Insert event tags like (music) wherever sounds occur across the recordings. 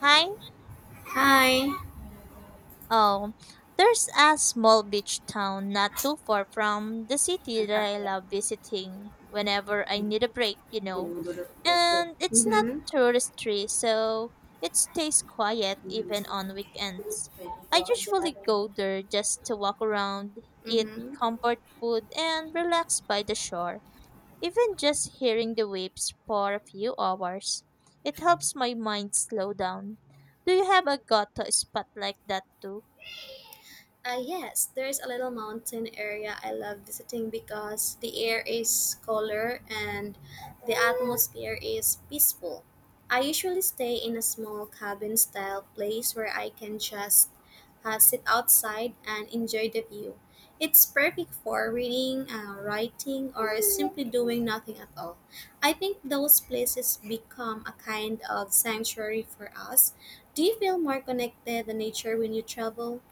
Hi. Hi. Oh, there's a small beach town not too far from the city that I love visiting whenever I need a break, And it's not Mm-hmm. touristy, so it stays quiet even on weekends. I usually go there just to walk around, eat Mm-hmm. comfort food, and relax by the shore. Even just hearing the waves for a few hours, it helps my mind slow down. Do you have a go-to spot like that too? Yes, there's a little mountain area I love visiting because the air is cooler and the atmosphere is peaceful. I usually stay in a small cabin style place where I can just sit outside and enjoy the view. It's perfect for reading, writing, or simply doing nothing at all. I think those places become a kind of sanctuary for us. Do you feel more connected to nature when you travel?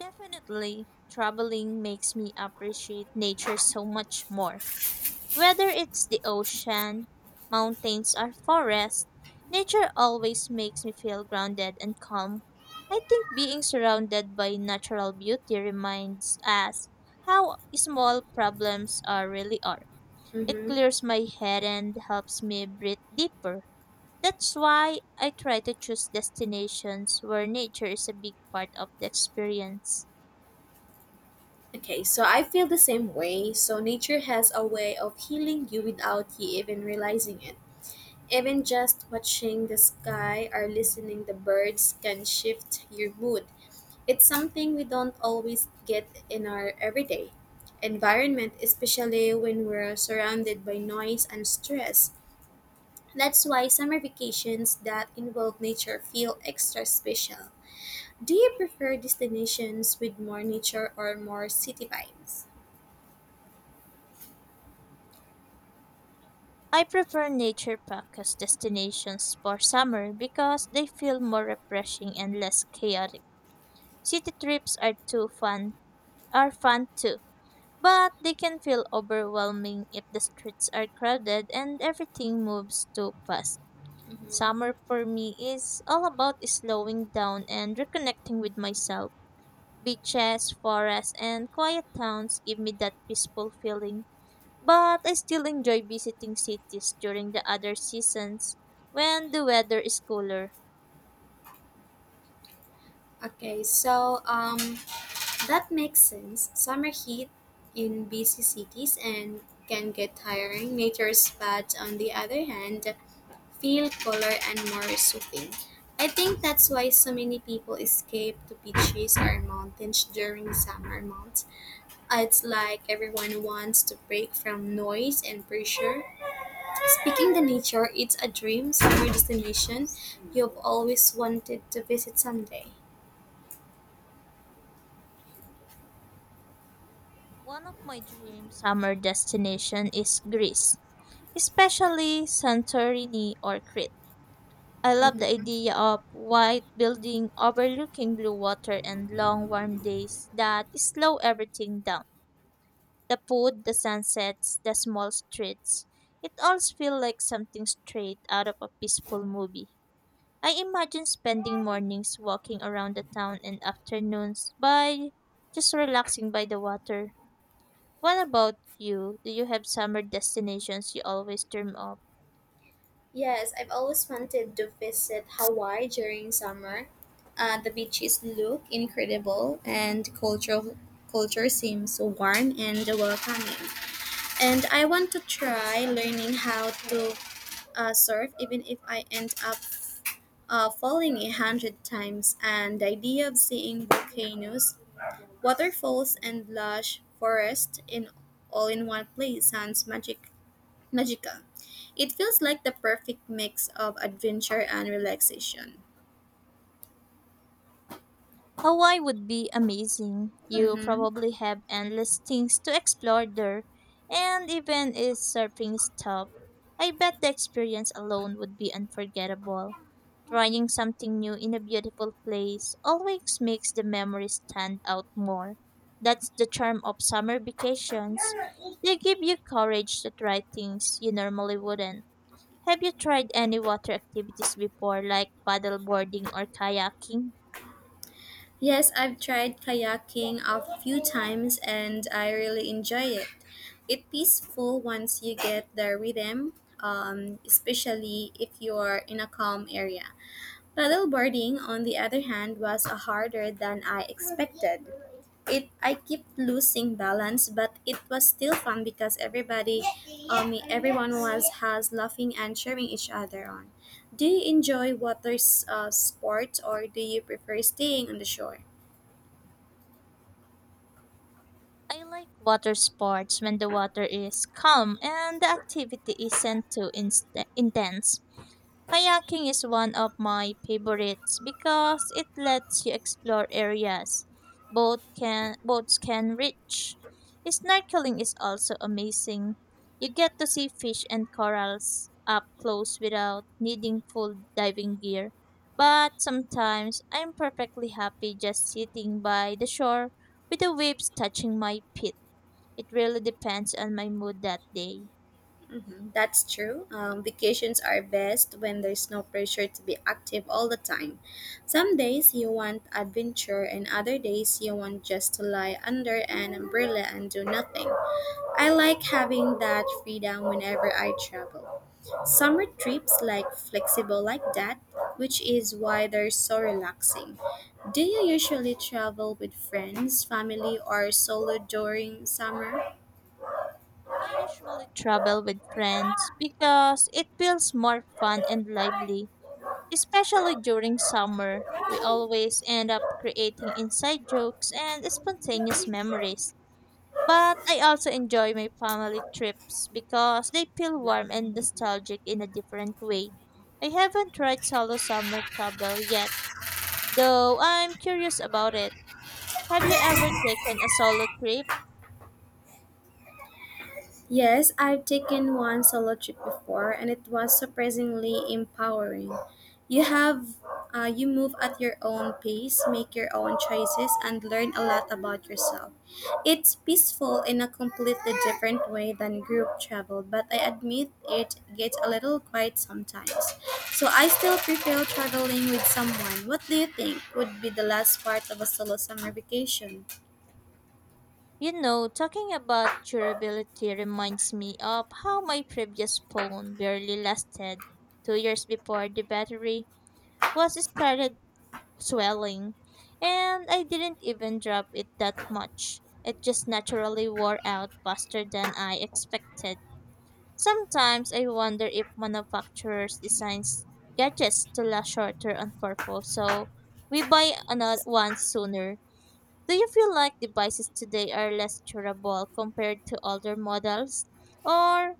Definitely. Traveling makes me appreciate nature so much more. Whether it's the ocean, mountains, or forest, nature always makes me feel grounded and calm. I think being surrounded by natural beauty reminds us how small problems are really are. It Mm-hmm. clears my head and helps me breathe deeper. That's why I try to choose destinations where nature is a big part of the experience. Okay, so I feel the same way. So nature has a way of healing you without you even realizing it. Even just watching the sky or listening the birds can shift your mood. It's something we don't always get in our everyday environment, especially when we're surrounded by noise and stress. That's why summer vacations that involve nature feel extra special. Do you prefer destinations with more nature or more city vibes? I prefer nature focused destinations for summer because they feel more refreshing and less chaotic. City trips are too fun are fun too, but they can feel overwhelming if the streets are crowded and everything moves too fast. Mhm. Summer for me is all about slowing down and reconnecting with myself. Beaches, forests, and quiet towns give me that peaceful feeling. But I still enjoy visiting cities during the other seasons when the weather is cooler. Okay, so that makes sense. Summer heat in busy cities and can get tiring. Nature spots, on the other hand, feel cooler and more soothing. I think that's why so many people escape to beaches or mountains during summer months. It's like everyone wants to break from noise and pressure. Speaking the nature, it's a dream summer destination you've always wanted to visit someday. One of my dream summer destination is Greece, especially Santorini or Crete. I love the Mm-hmm. idea of white building overlooking blue water and long warm days that slow everything down. The food, the sunsets, the small streets. It all feels like something straight out of a peaceful movie. I imagine spending mornings walking around the town and afternoons by just relaxing by the water. What about you? Do you have summer destinations you always dream of? Yes, I've always wanted to visit Hawaii during summer. The beaches look incredible, and the cultural culture seems so warm and welcoming. And I want to try learning how to surf, even if I end up falling 100 times. And the idea of seeing volcanoes, waterfalls, and lush forest in all in one place sounds magical. It feels like the perfect mix of adventure and relaxation. Hawaii would be amazing. You Mm-hmm. probably have endless things to explore there, and even if surfing is tough, I bet the experience alone would be unforgettable. Trying something new in a beautiful place always makes the memories stand out more. That's the charm of summer vacations. They give you courage to try things you normally wouldn't. Have you tried any water activities before, like paddleboarding or kayaking? Yes, I've tried kayaking a few times and I really enjoy it. It's peaceful once you get the rhythm, especially if you're in a calm area. Paddleboarding, on the other hand, was a harder than I expected. It I kept losing balance, but it was still fun because everyone was has laughing and cheering each other on. Do you enjoy water sports or do you prefer staying on the shore? I like water sports when the water is calm and the activity isn't intense. Kayaking is one of my favorites because it lets you explore areas both can boats can reach. Snorkeling is also amazing. You get to see fish and corals up close without needing full diving gear. But sometimes I'm perfectly happy just sitting by the shore with the waves touching my feet. It really depends on my mood that day. That's true. Vacations are best when there's no pressure to be active all the time. Some days you want adventure, and other days you want just to lie under an umbrella and do nothing. I like having that freedom whenever I travel. Summer trips like flexible like that, which is why they're so relaxing. Do you usually travel with friends, family, or solo during summer? I usually travel with friends because it feels more fun and lively, especially during summer. We always end up creating inside jokes and spontaneous memories. But I also enjoy my family trips because they feel warm and nostalgic in a different way. I haven't tried solo summer travel yet, though I'm curious about it. Have you ever taken a solo trip? Yes, I've taken one solo trip before, and it was surprisingly empowering. You have, you move at your own pace, make your own choices, and learn a lot about yourself. It's peaceful in a completely different way than group travel, but I admit it gets a little quiet sometimes. So I still prefer traveling with someone. What do you think would be the last part of a solo summer vacation? You know, talking about durability reminds me of how my previous phone barely lasted 2 years before the battery was started swelling, and I didn't even drop it that much. It just naturally wore out faster than I expected. Sometimes I wonder if manufacturers designs gadgets to last shorter on purpose, so we buy another one sooner. Do you feel like devices today are less durable compared to older models? Or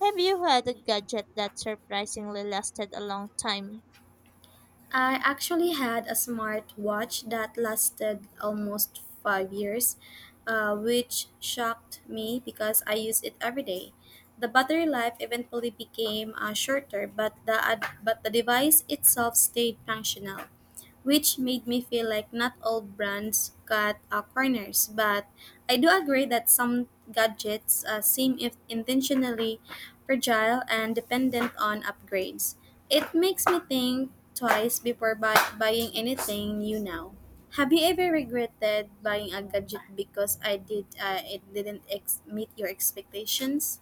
have you had a gadget that surprisingly lasted a long time? I actually had a smart watch that lasted almost 5 years, which shocked me because I use it every day. The battery life eventually became shorter, but the device itself stayed functional, which made me feel like not all brands cut corners. But I do agree that some gadgets seem if intentionally fragile and dependent on upgrades. It makes me think twice before buying anything new now. Have you ever regretted buying a gadget because I did it didn't meet your expectations?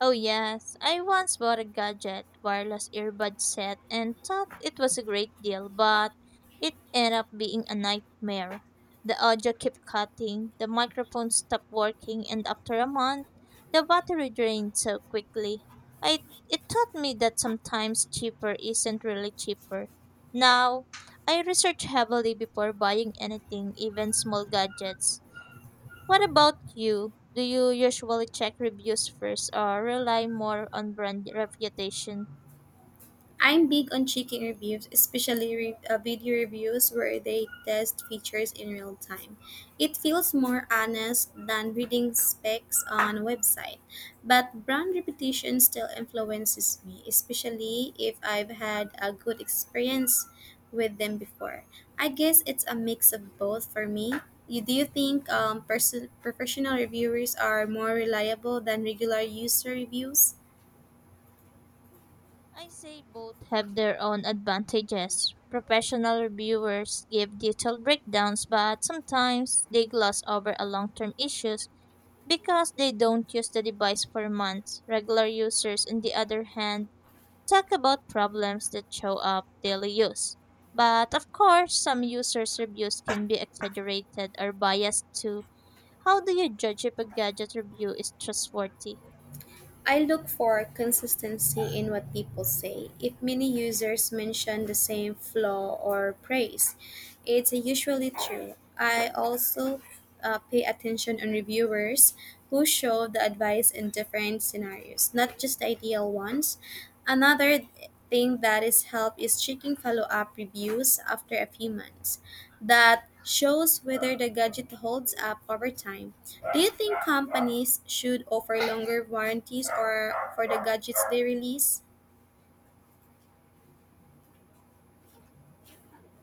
Oh, yes. I once bought a gadget wireless earbud set and thought it was a great deal, but it ended up being a nightmare. The audio kept cutting, the microphone stopped working, and after a month, the battery drained so quickly. I It taught me that sometimes cheaper isn't really cheaper. Now, I research heavily before buying anything, even small gadgets. What about you? Do you usually check reviews first or rely more on brand reputation? I'm big on checking reviews, especially video reviews where they test features in real time. It feels more honest than reading specs on a website, but brand reputation still influences me, especially if I've had a good experience with them before. I guess it's a mix of both for me. Do you think professional reviewers are more reliable than regular user reviews? I say both have their own advantages. Professional reviewers give detailed breakdowns, but sometimes they gloss over a long-term issues because they don't use the device for months. Regular users, on the other hand, talk about problems that show up daily use. But of course, some users' reviews can be exaggerated or biased too. How do you judge if a gadget review is trustworthy? I look for consistency in what people say. If many users mention the same flaw or praise, it's usually true. I also pay attention on reviewers who show the advice in different scenarios, not just the ideal ones. Another thing that is help is checking follow-up reviews after a few months that shows whether the gadget holds up over time. Do you think companies should offer longer warranties or for the gadgets they release?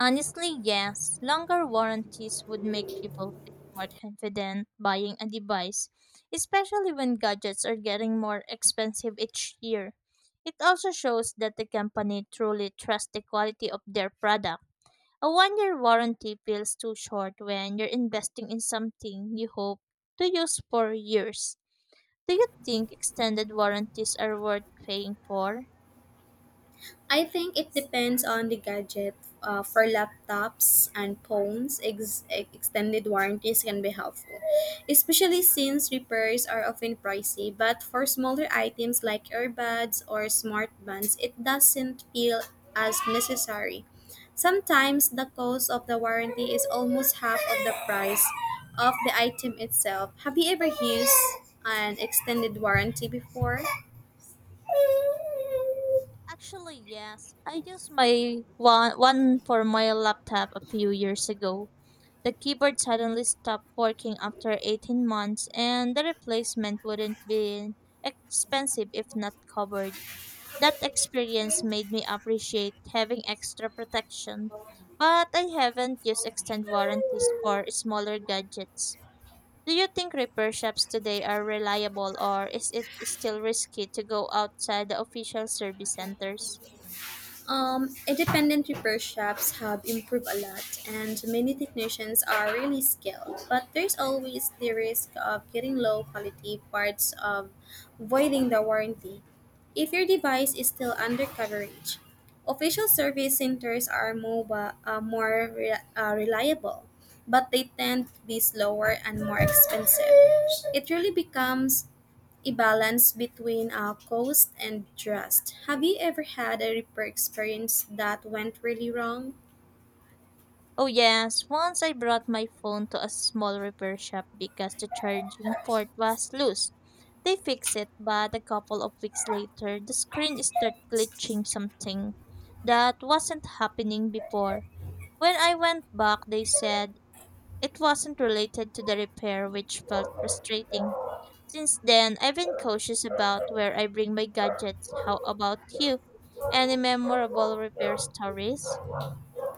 Honestly, yes. Longer warranties would make people feel more confident buying a device, especially when gadgets are getting more expensive each year. It also shows that the company truly trusts the quality of their product. A 1 year warranty feels too short when you're investing in something you hope to use for years. Do you think extended warranties are worth paying for? I think it depends on the gadget. For laptops and phones, extended warranties can be helpful, especially since repairs are often pricey. But for smaller items like earbuds or smart bands, it doesn't feel as necessary. Sometimes the cost of the warranty is almost half of the price of the item itself. Have you ever used an extended warranty before? Actually, yes. I used my one for my laptop a few years ago. The keyboard suddenly stopped working after 18 months and the replacement wouldn't be expensive if not covered. That experience made me appreciate having extra protection, but I haven't used extended warranties for smaller gadgets. Do you think repair shops today are reliable or is it still risky to go outside the official service centers? Independent repair shops have improved a lot, and many technicians are really skilled. But there's always the risk of getting low quality parts, of voiding the warranty, if your device is still under coverage. Official service centers are mobile, more reliable, but they tend to be slower and more expensive. It really becomes a balance between cost and trust. Have you ever had a repair experience that went really wrong? Oh yes, once I brought my phone to a small repair shop because the charging port was loose. They fixed it, but a couple of weeks later, the screen started glitching something that wasn't happening before. When I went back, they said it wasn't related to the repair, which felt frustrating. Since then, I've been cautious about where I bring my gadgets. How about you? Any memorable repair stories?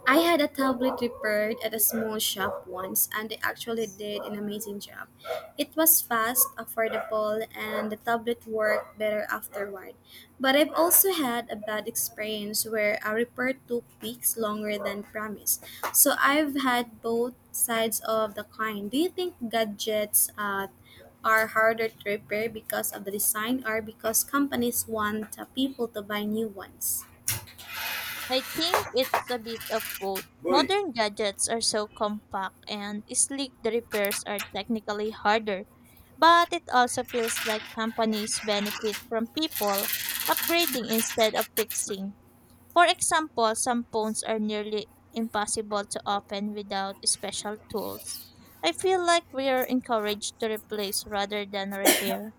I had a tablet repaired at a small shop once, and they actually did an amazing job. It was fast, affordable, and the tablet worked better afterward. But I've also had a bad experience where a repair took weeks longer than promised. So I've had both sides of the coin. Do you think gadgets are harder to repair because of the design or because companies want people to buy new ones? I think it's a bit of both. Boy. Modern gadgets are so compact and sleek the repairs are technically harder, but it also feels like companies benefit from people upgrading instead of fixing. For example, some phones are nearly impossible to open without special tools. I feel like we are encouraged to replace rather than repair.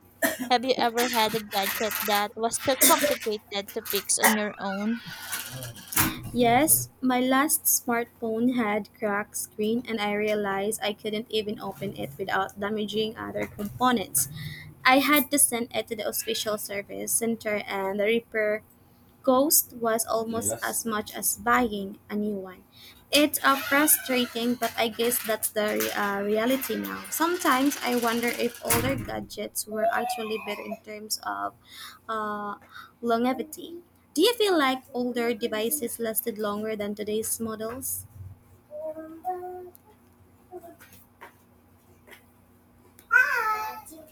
Have you ever had a gadget that was too complicated to fix on your own? Yes, my last smartphone had cracked screen and I realized I couldn't even open it without damaging other components. I had to send it to the official service center and the repair cost was almost as much as buying a new one. It's frustrating, but I guess that's the reality now. Sometimes I wonder if older gadgets were actually better in terms of uh, longevity. Do you feel like older devices lasted longer than today's models?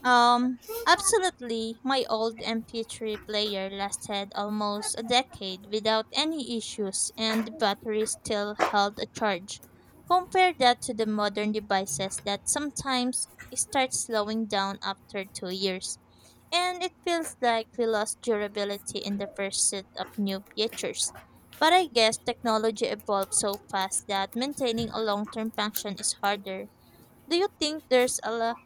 Um, absolutely. My old MP3 player lasted almost a decade without any issues, and the battery still held a charge. Compare that to the modern devices that sometimes start slowing down after 2 years, and it feels like we lost durability in the first set of new features. But I guess technology evolves so fast that maintaining a long term function is harder. Do you think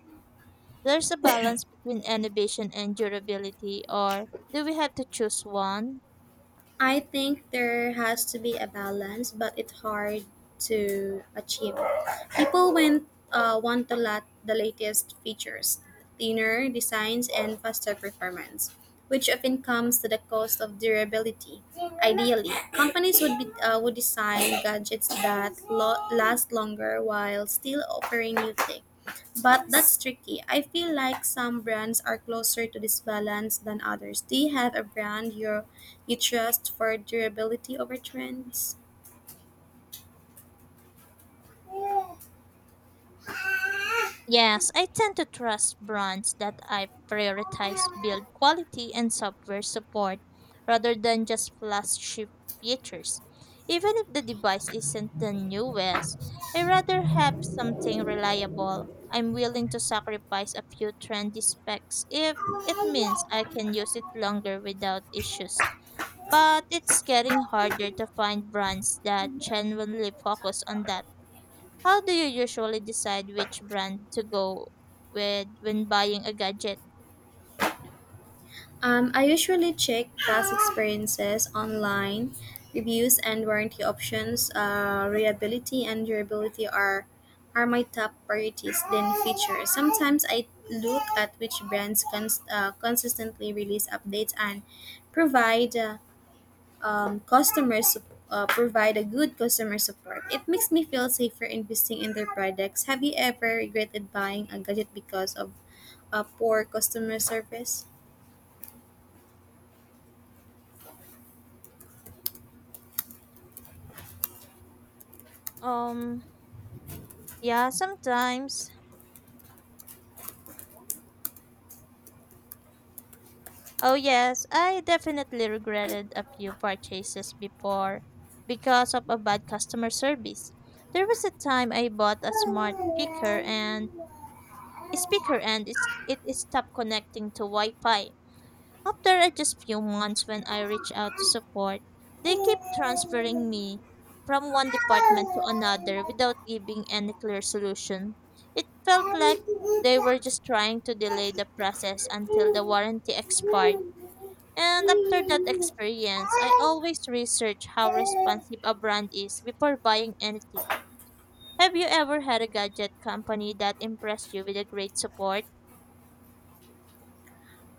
there's a balance between innovation and durability, or do we have to choose one? I think there has to be a balance, but it's hard to achieve. People want the, lot, the latest features, thinner designs, and faster performance, which often comes to the cost of durability. Ideally, companies would design gadgets that last longer while still offering new tech. But that's tricky. I feel like some brands are closer to this balance than others. Do you have a brand you trust for durability over trends? Yes, I tend to trust brands that I prioritize build quality and software support rather than just flagship features. Even if the device isn't the newest, I rather have something reliable. I'm willing to sacrifice a few trendy specs if it means I can use it longer without issues. But it's getting harder to find brands that genuinely focus on that. How do you usually decide which brand to go with when buying a gadget? I usually check past experiences online. Reviews and warranty options, reliability and durability are my top priorities. Then features. Sometimes I look at which brands consistently release updates and provide uh, provide a good customer support. It makes me feel safer investing in their products. Have you ever regretted buying a gadget because of poor customer service? Um, yeah, sometimes. Oh, yes, I definitely regretted a few purchases before because of a bad customer service. There was a time I bought a smart speaker and it stopped connecting to Wi-Fi. After a just few months when I reach out to support, they keep transferring me from one department to another without giving any clear solution. It felt like they were just trying to delay the process until the warranty expired. And after that experience, I always research how responsive a brand is before buying anything. Have you ever had a gadget company that impressed you with a great support?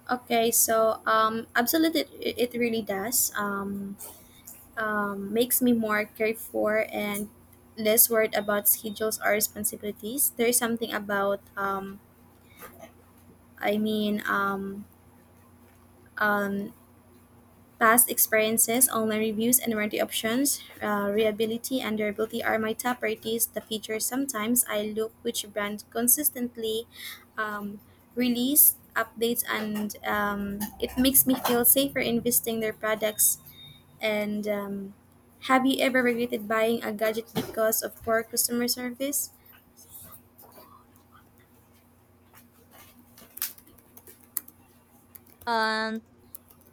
Okay, so absolutely, it really does. Makes me more careful and less worried about schedules or responsibilities. There is something about I mean, um, past experiences, online reviews, and warranty options, reliability and durability are my top priorities. The features sometimes I look which brand consistently um, release updates, and it makes me feel safer investing their products. And have you ever regretted buying a gadget because of poor customer service? And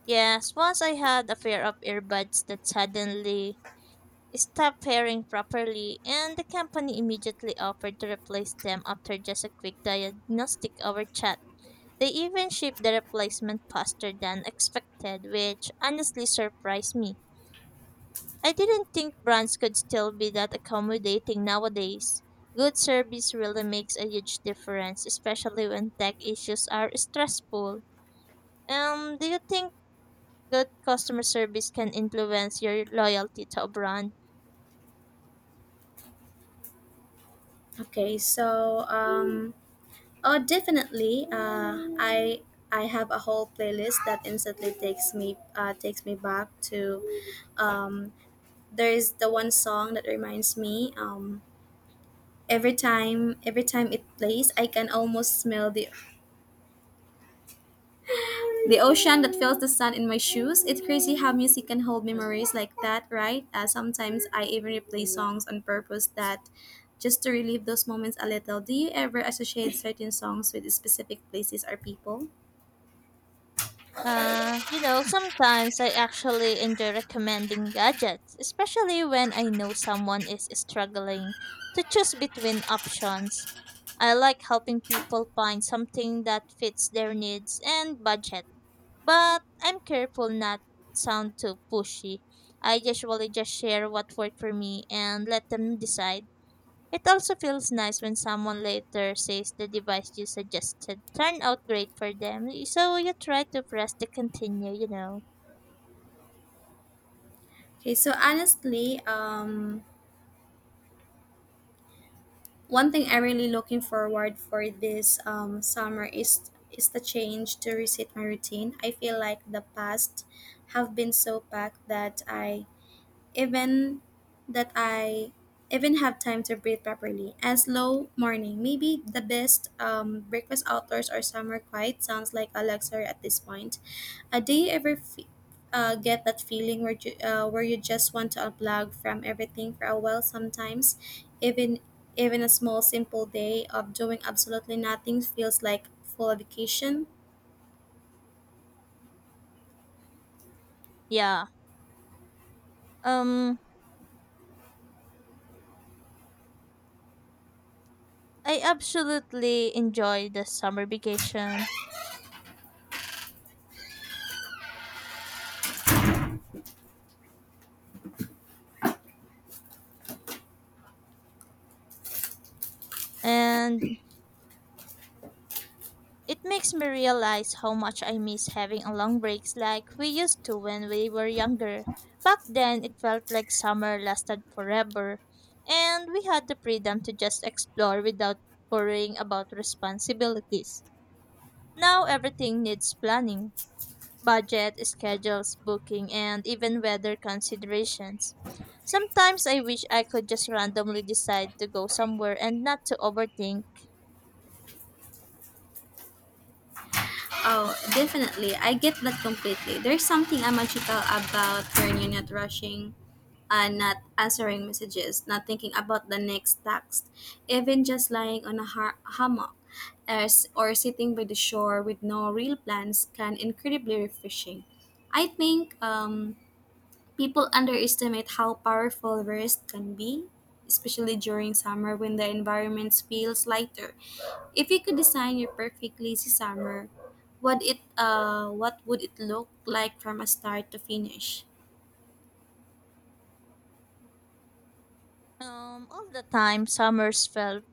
Yes, once I had a pair of earbuds that suddenly stopped pairing properly, and the company immediately offered to replace them after just a quick diagnostic over chat. They even shipped the replacement faster than expected, which honestly surprised me. I didn't think brands could still be that accommodating nowadays. Good service really makes a huge difference, especially when tech issues are stressful. Do you think good customer service can influence your loyalty to a brand. Okay, so. Oh, definitely. I have a whole playlist that instantly takes me back to. Um, there is the one song that reminds me. Every time it plays, I can almost smell the ocean that feels the sun in my shoes. It's crazy how music can hold memories like that, right? Sometimes I even replay songs on purpose that just to relive those moments a little. Do you ever associate certain songs with specific places or people? Sometimes I actually enjoy recommending gadgets, especially when I know someone is struggling to choose between options. I like helping people find something that fits their needs and budget, but I'm careful not sound too pushy. I usually just share what worked for me and let them decide. It also feels nice when someone later says the device you suggested turned out great for them. So you try to press the continue. Okay, so honestly, one thing I'm really looking forward for this summer is the change to reset my routine. I feel like the past have been so packed even that I even have time to breathe properly. A slow morning, maybe the best breakfast outdoors or summer quiet sounds like a luxury at this point. Do you ever get that feeling where you just want to unplug from everything for a while. Sometimes even even a small simple day of doing absolutely nothing feels like full vacation. Yeah. Um I absolutely enjoy the summer vacation and it makes me realize how much I miss having a long breaks like we used to when we were younger. Back then it felt like summer lasted forever and we had the freedom to just explore without worrying about responsibilities. Now everything needs planning budget, schedules, booking, and even weather considerations. Sometimes I wish I could just randomly decide to go somewhere and not to overthink. Oh, definitely. I get that completely. There's something magical about when you're not rushing and not answering messages, not thinking about the next text, even just lying on a hammock, or sitting by the shore with no real plans can incredibly refreshing. I think people underestimate how powerful rest can be, especially during summer when the environment feels lighter. If you could design your perfect lazy summer, what would it look like from a start to finish? All the time, summers felt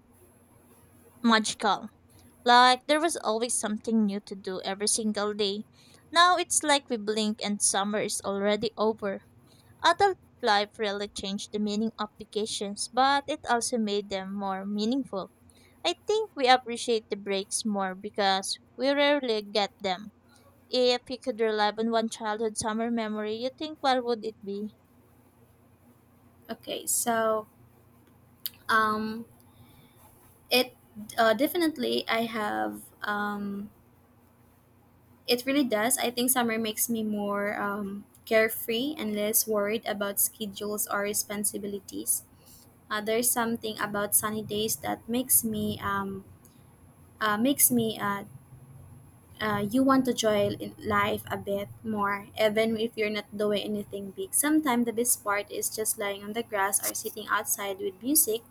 magical. Like there was always something new to do every single day. Now it's like we blink and summer is already over. Adult life really changed the meaning of vacations, but it also made them more meaningful. I think we appreciate the breaks more because we rarely get them. If you could relive on one childhood summer memory, you think what would it be? Okay, so, um, It definitely I have it really does. I think summer makes me more carefree and less worried about schedules or responsibilities. There's something about sunny days that makes me you want to enjoy in life a bit more even if you're not doing anything big. Sometimes the best part is just lying on the grass or sitting outside with music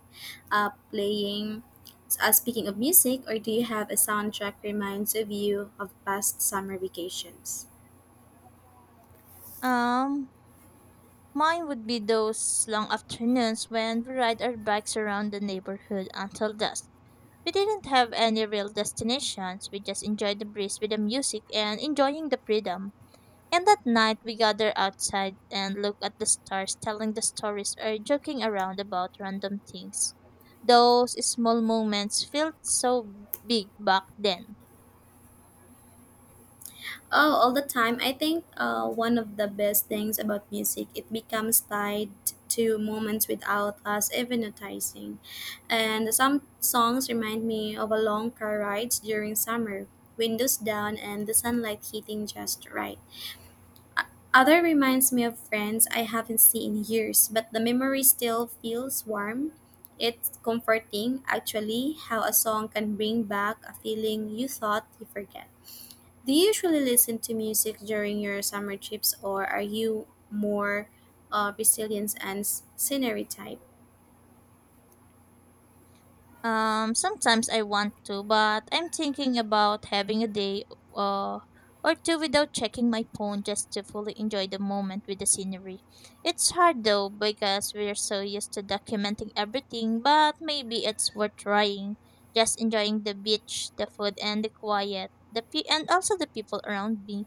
up playing. Speaking of music, or do you have a soundtrack reminds of you of past summer vacations? Um, Mine would be those long afternoons when we ride our bikes around the neighborhood until dusk. We didn't have any real destinations. We just enjoyed the breeze with the music and enjoying the freedom. And that night we gather outside and look at the stars, telling the stories or joking around about random things. Those small moments felt so big back then. Oh, all the time. I think one of the best things about music, it becomes tied to moments without us even noticing. And some songs remind me of a long car rides during summer, windows down and the sunlight hitting just right. Other reminds me of friends I haven't seen in years, but the memory still feels warm. It's comforting, actually, how a song can bring back a feeling you thought you forget. Do you usually listen to music during your summer trips, or are you more resilience and scenery type? Sometimes I want to, but I'm thinking about having a day uh, or two without checking my phone just to fully enjoy the moment with the scenery. It's hard though because we're so used to documenting everything, but maybe it's worth trying. Just enjoying the beach, the food, and the quiet, the and also the people around me.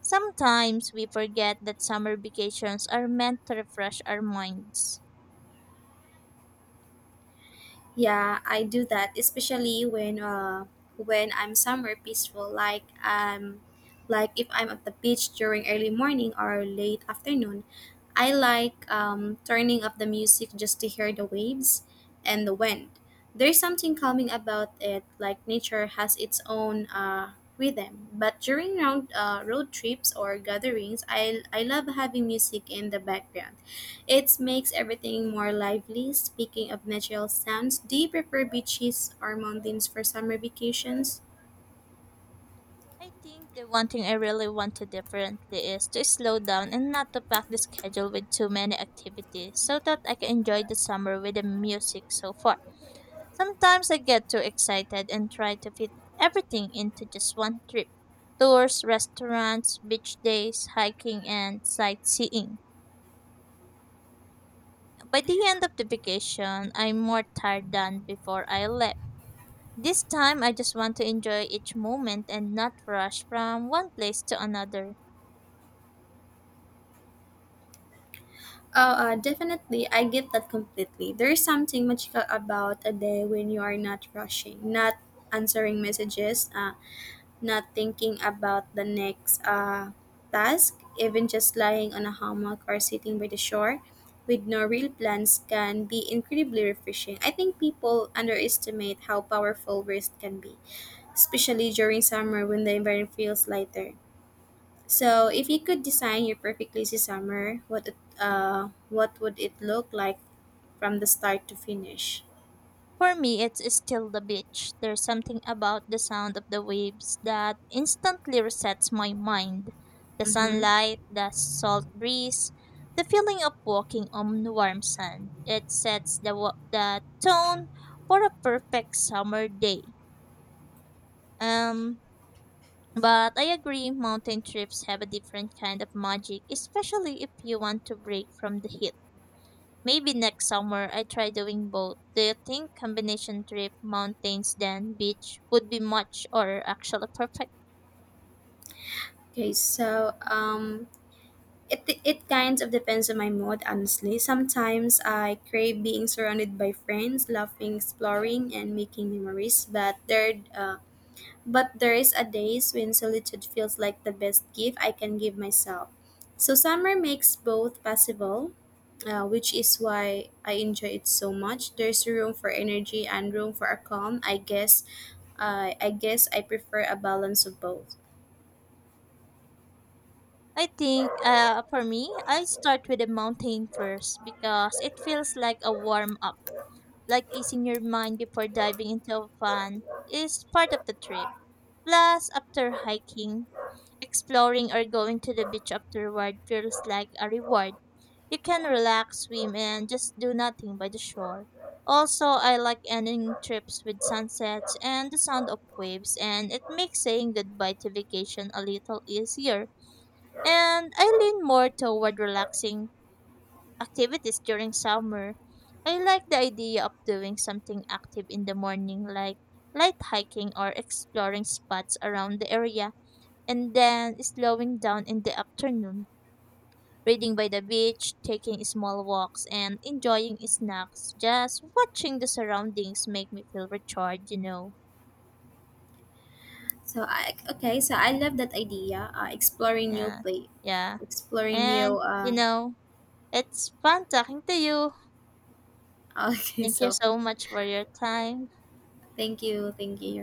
Sometimes we forget that summer vacations are meant to refresh our minds. Yeah, I do that, especially when I'm somewhere peaceful, like if I'm at the beach during early morning or late afternoon. I like turning up the music just to hear the waves and the wind. There's something calming about it, like nature has its own rhythm. But during road trips or gatherings, I love having music in the background. It makes everything more lively. Speaking of natural sounds, do you prefer beaches or mountains for summer vacations? I think the one thing I really want to differently is to slow down and not to pack the schedule with too many activities so that I can enjoy the summer with the music so far. Sometimes I get too excited and try to fit everything into just one trip. Tours, restaurants, beach days, hiking and sightseeing. By the end of the vacation, I'm more tired than before I left. This time I just want to enjoy each moment and not rush from one place to another. Oh, definitely. I get that completely. There is something magical about a day when you are not rushing, not answering messages, not thinking about the next task, even just lying on a hammock or sitting by the shore with no real plans can be incredibly refreshing. I think people underestimate how powerful rest can be, especially during summer when the environment feels lighter. So, if you could design your perfect lazy summer, what would it look like from the start to finish? For me, it's still the beach. There's something about the sound of the waves that instantly resets my mind. The sunlight, the salt breeze, the feeling of walking on warm sand. It sets the the tone for a perfect summer day. Um, but I agree, mountain trips have a different kind of magic, especially if you want to break from the heat. Maybe next summer I try doing both. Do you think combination trip mountains then beach would be much or actually perfect? Okay, so it kind of depends on my mood honestly. Sometimes I crave being surrounded by friends, laughing, exploring and making memories, but there is a days when solitude feels like the best gift I can give myself. So summer makes both possible, which is why I enjoy it so much. There's room for energy and room for a calm. I guess I prefer a balance of both. I think for me, I start with the mountain first because it feels like a warm up, like easing your mind before diving into fun is part of the trip. Plus, after hiking, exploring or going to the beach afterward feels like a reward. You can relax, swim, and just do nothing by the shore. Also, I like ending trips with sunsets and the sound of waves, and it makes saying goodbye to vacation a little easier. And I lean more toward relaxing activities during summer. I like the idea of doing something active in the morning, like light hiking or exploring spots around the area, and then slowing down in the afternoon reading by the beach, taking small walks, and enjoying snacks. Just watching the surroundings make me feel recharged, you know. So I okay. So I love that idea. Exploring new Yeah. play, Yeah. exploring new. And, you know, it's fun talking to you. (laughs) okay. Thank you So so much for your time. thank you, thank you.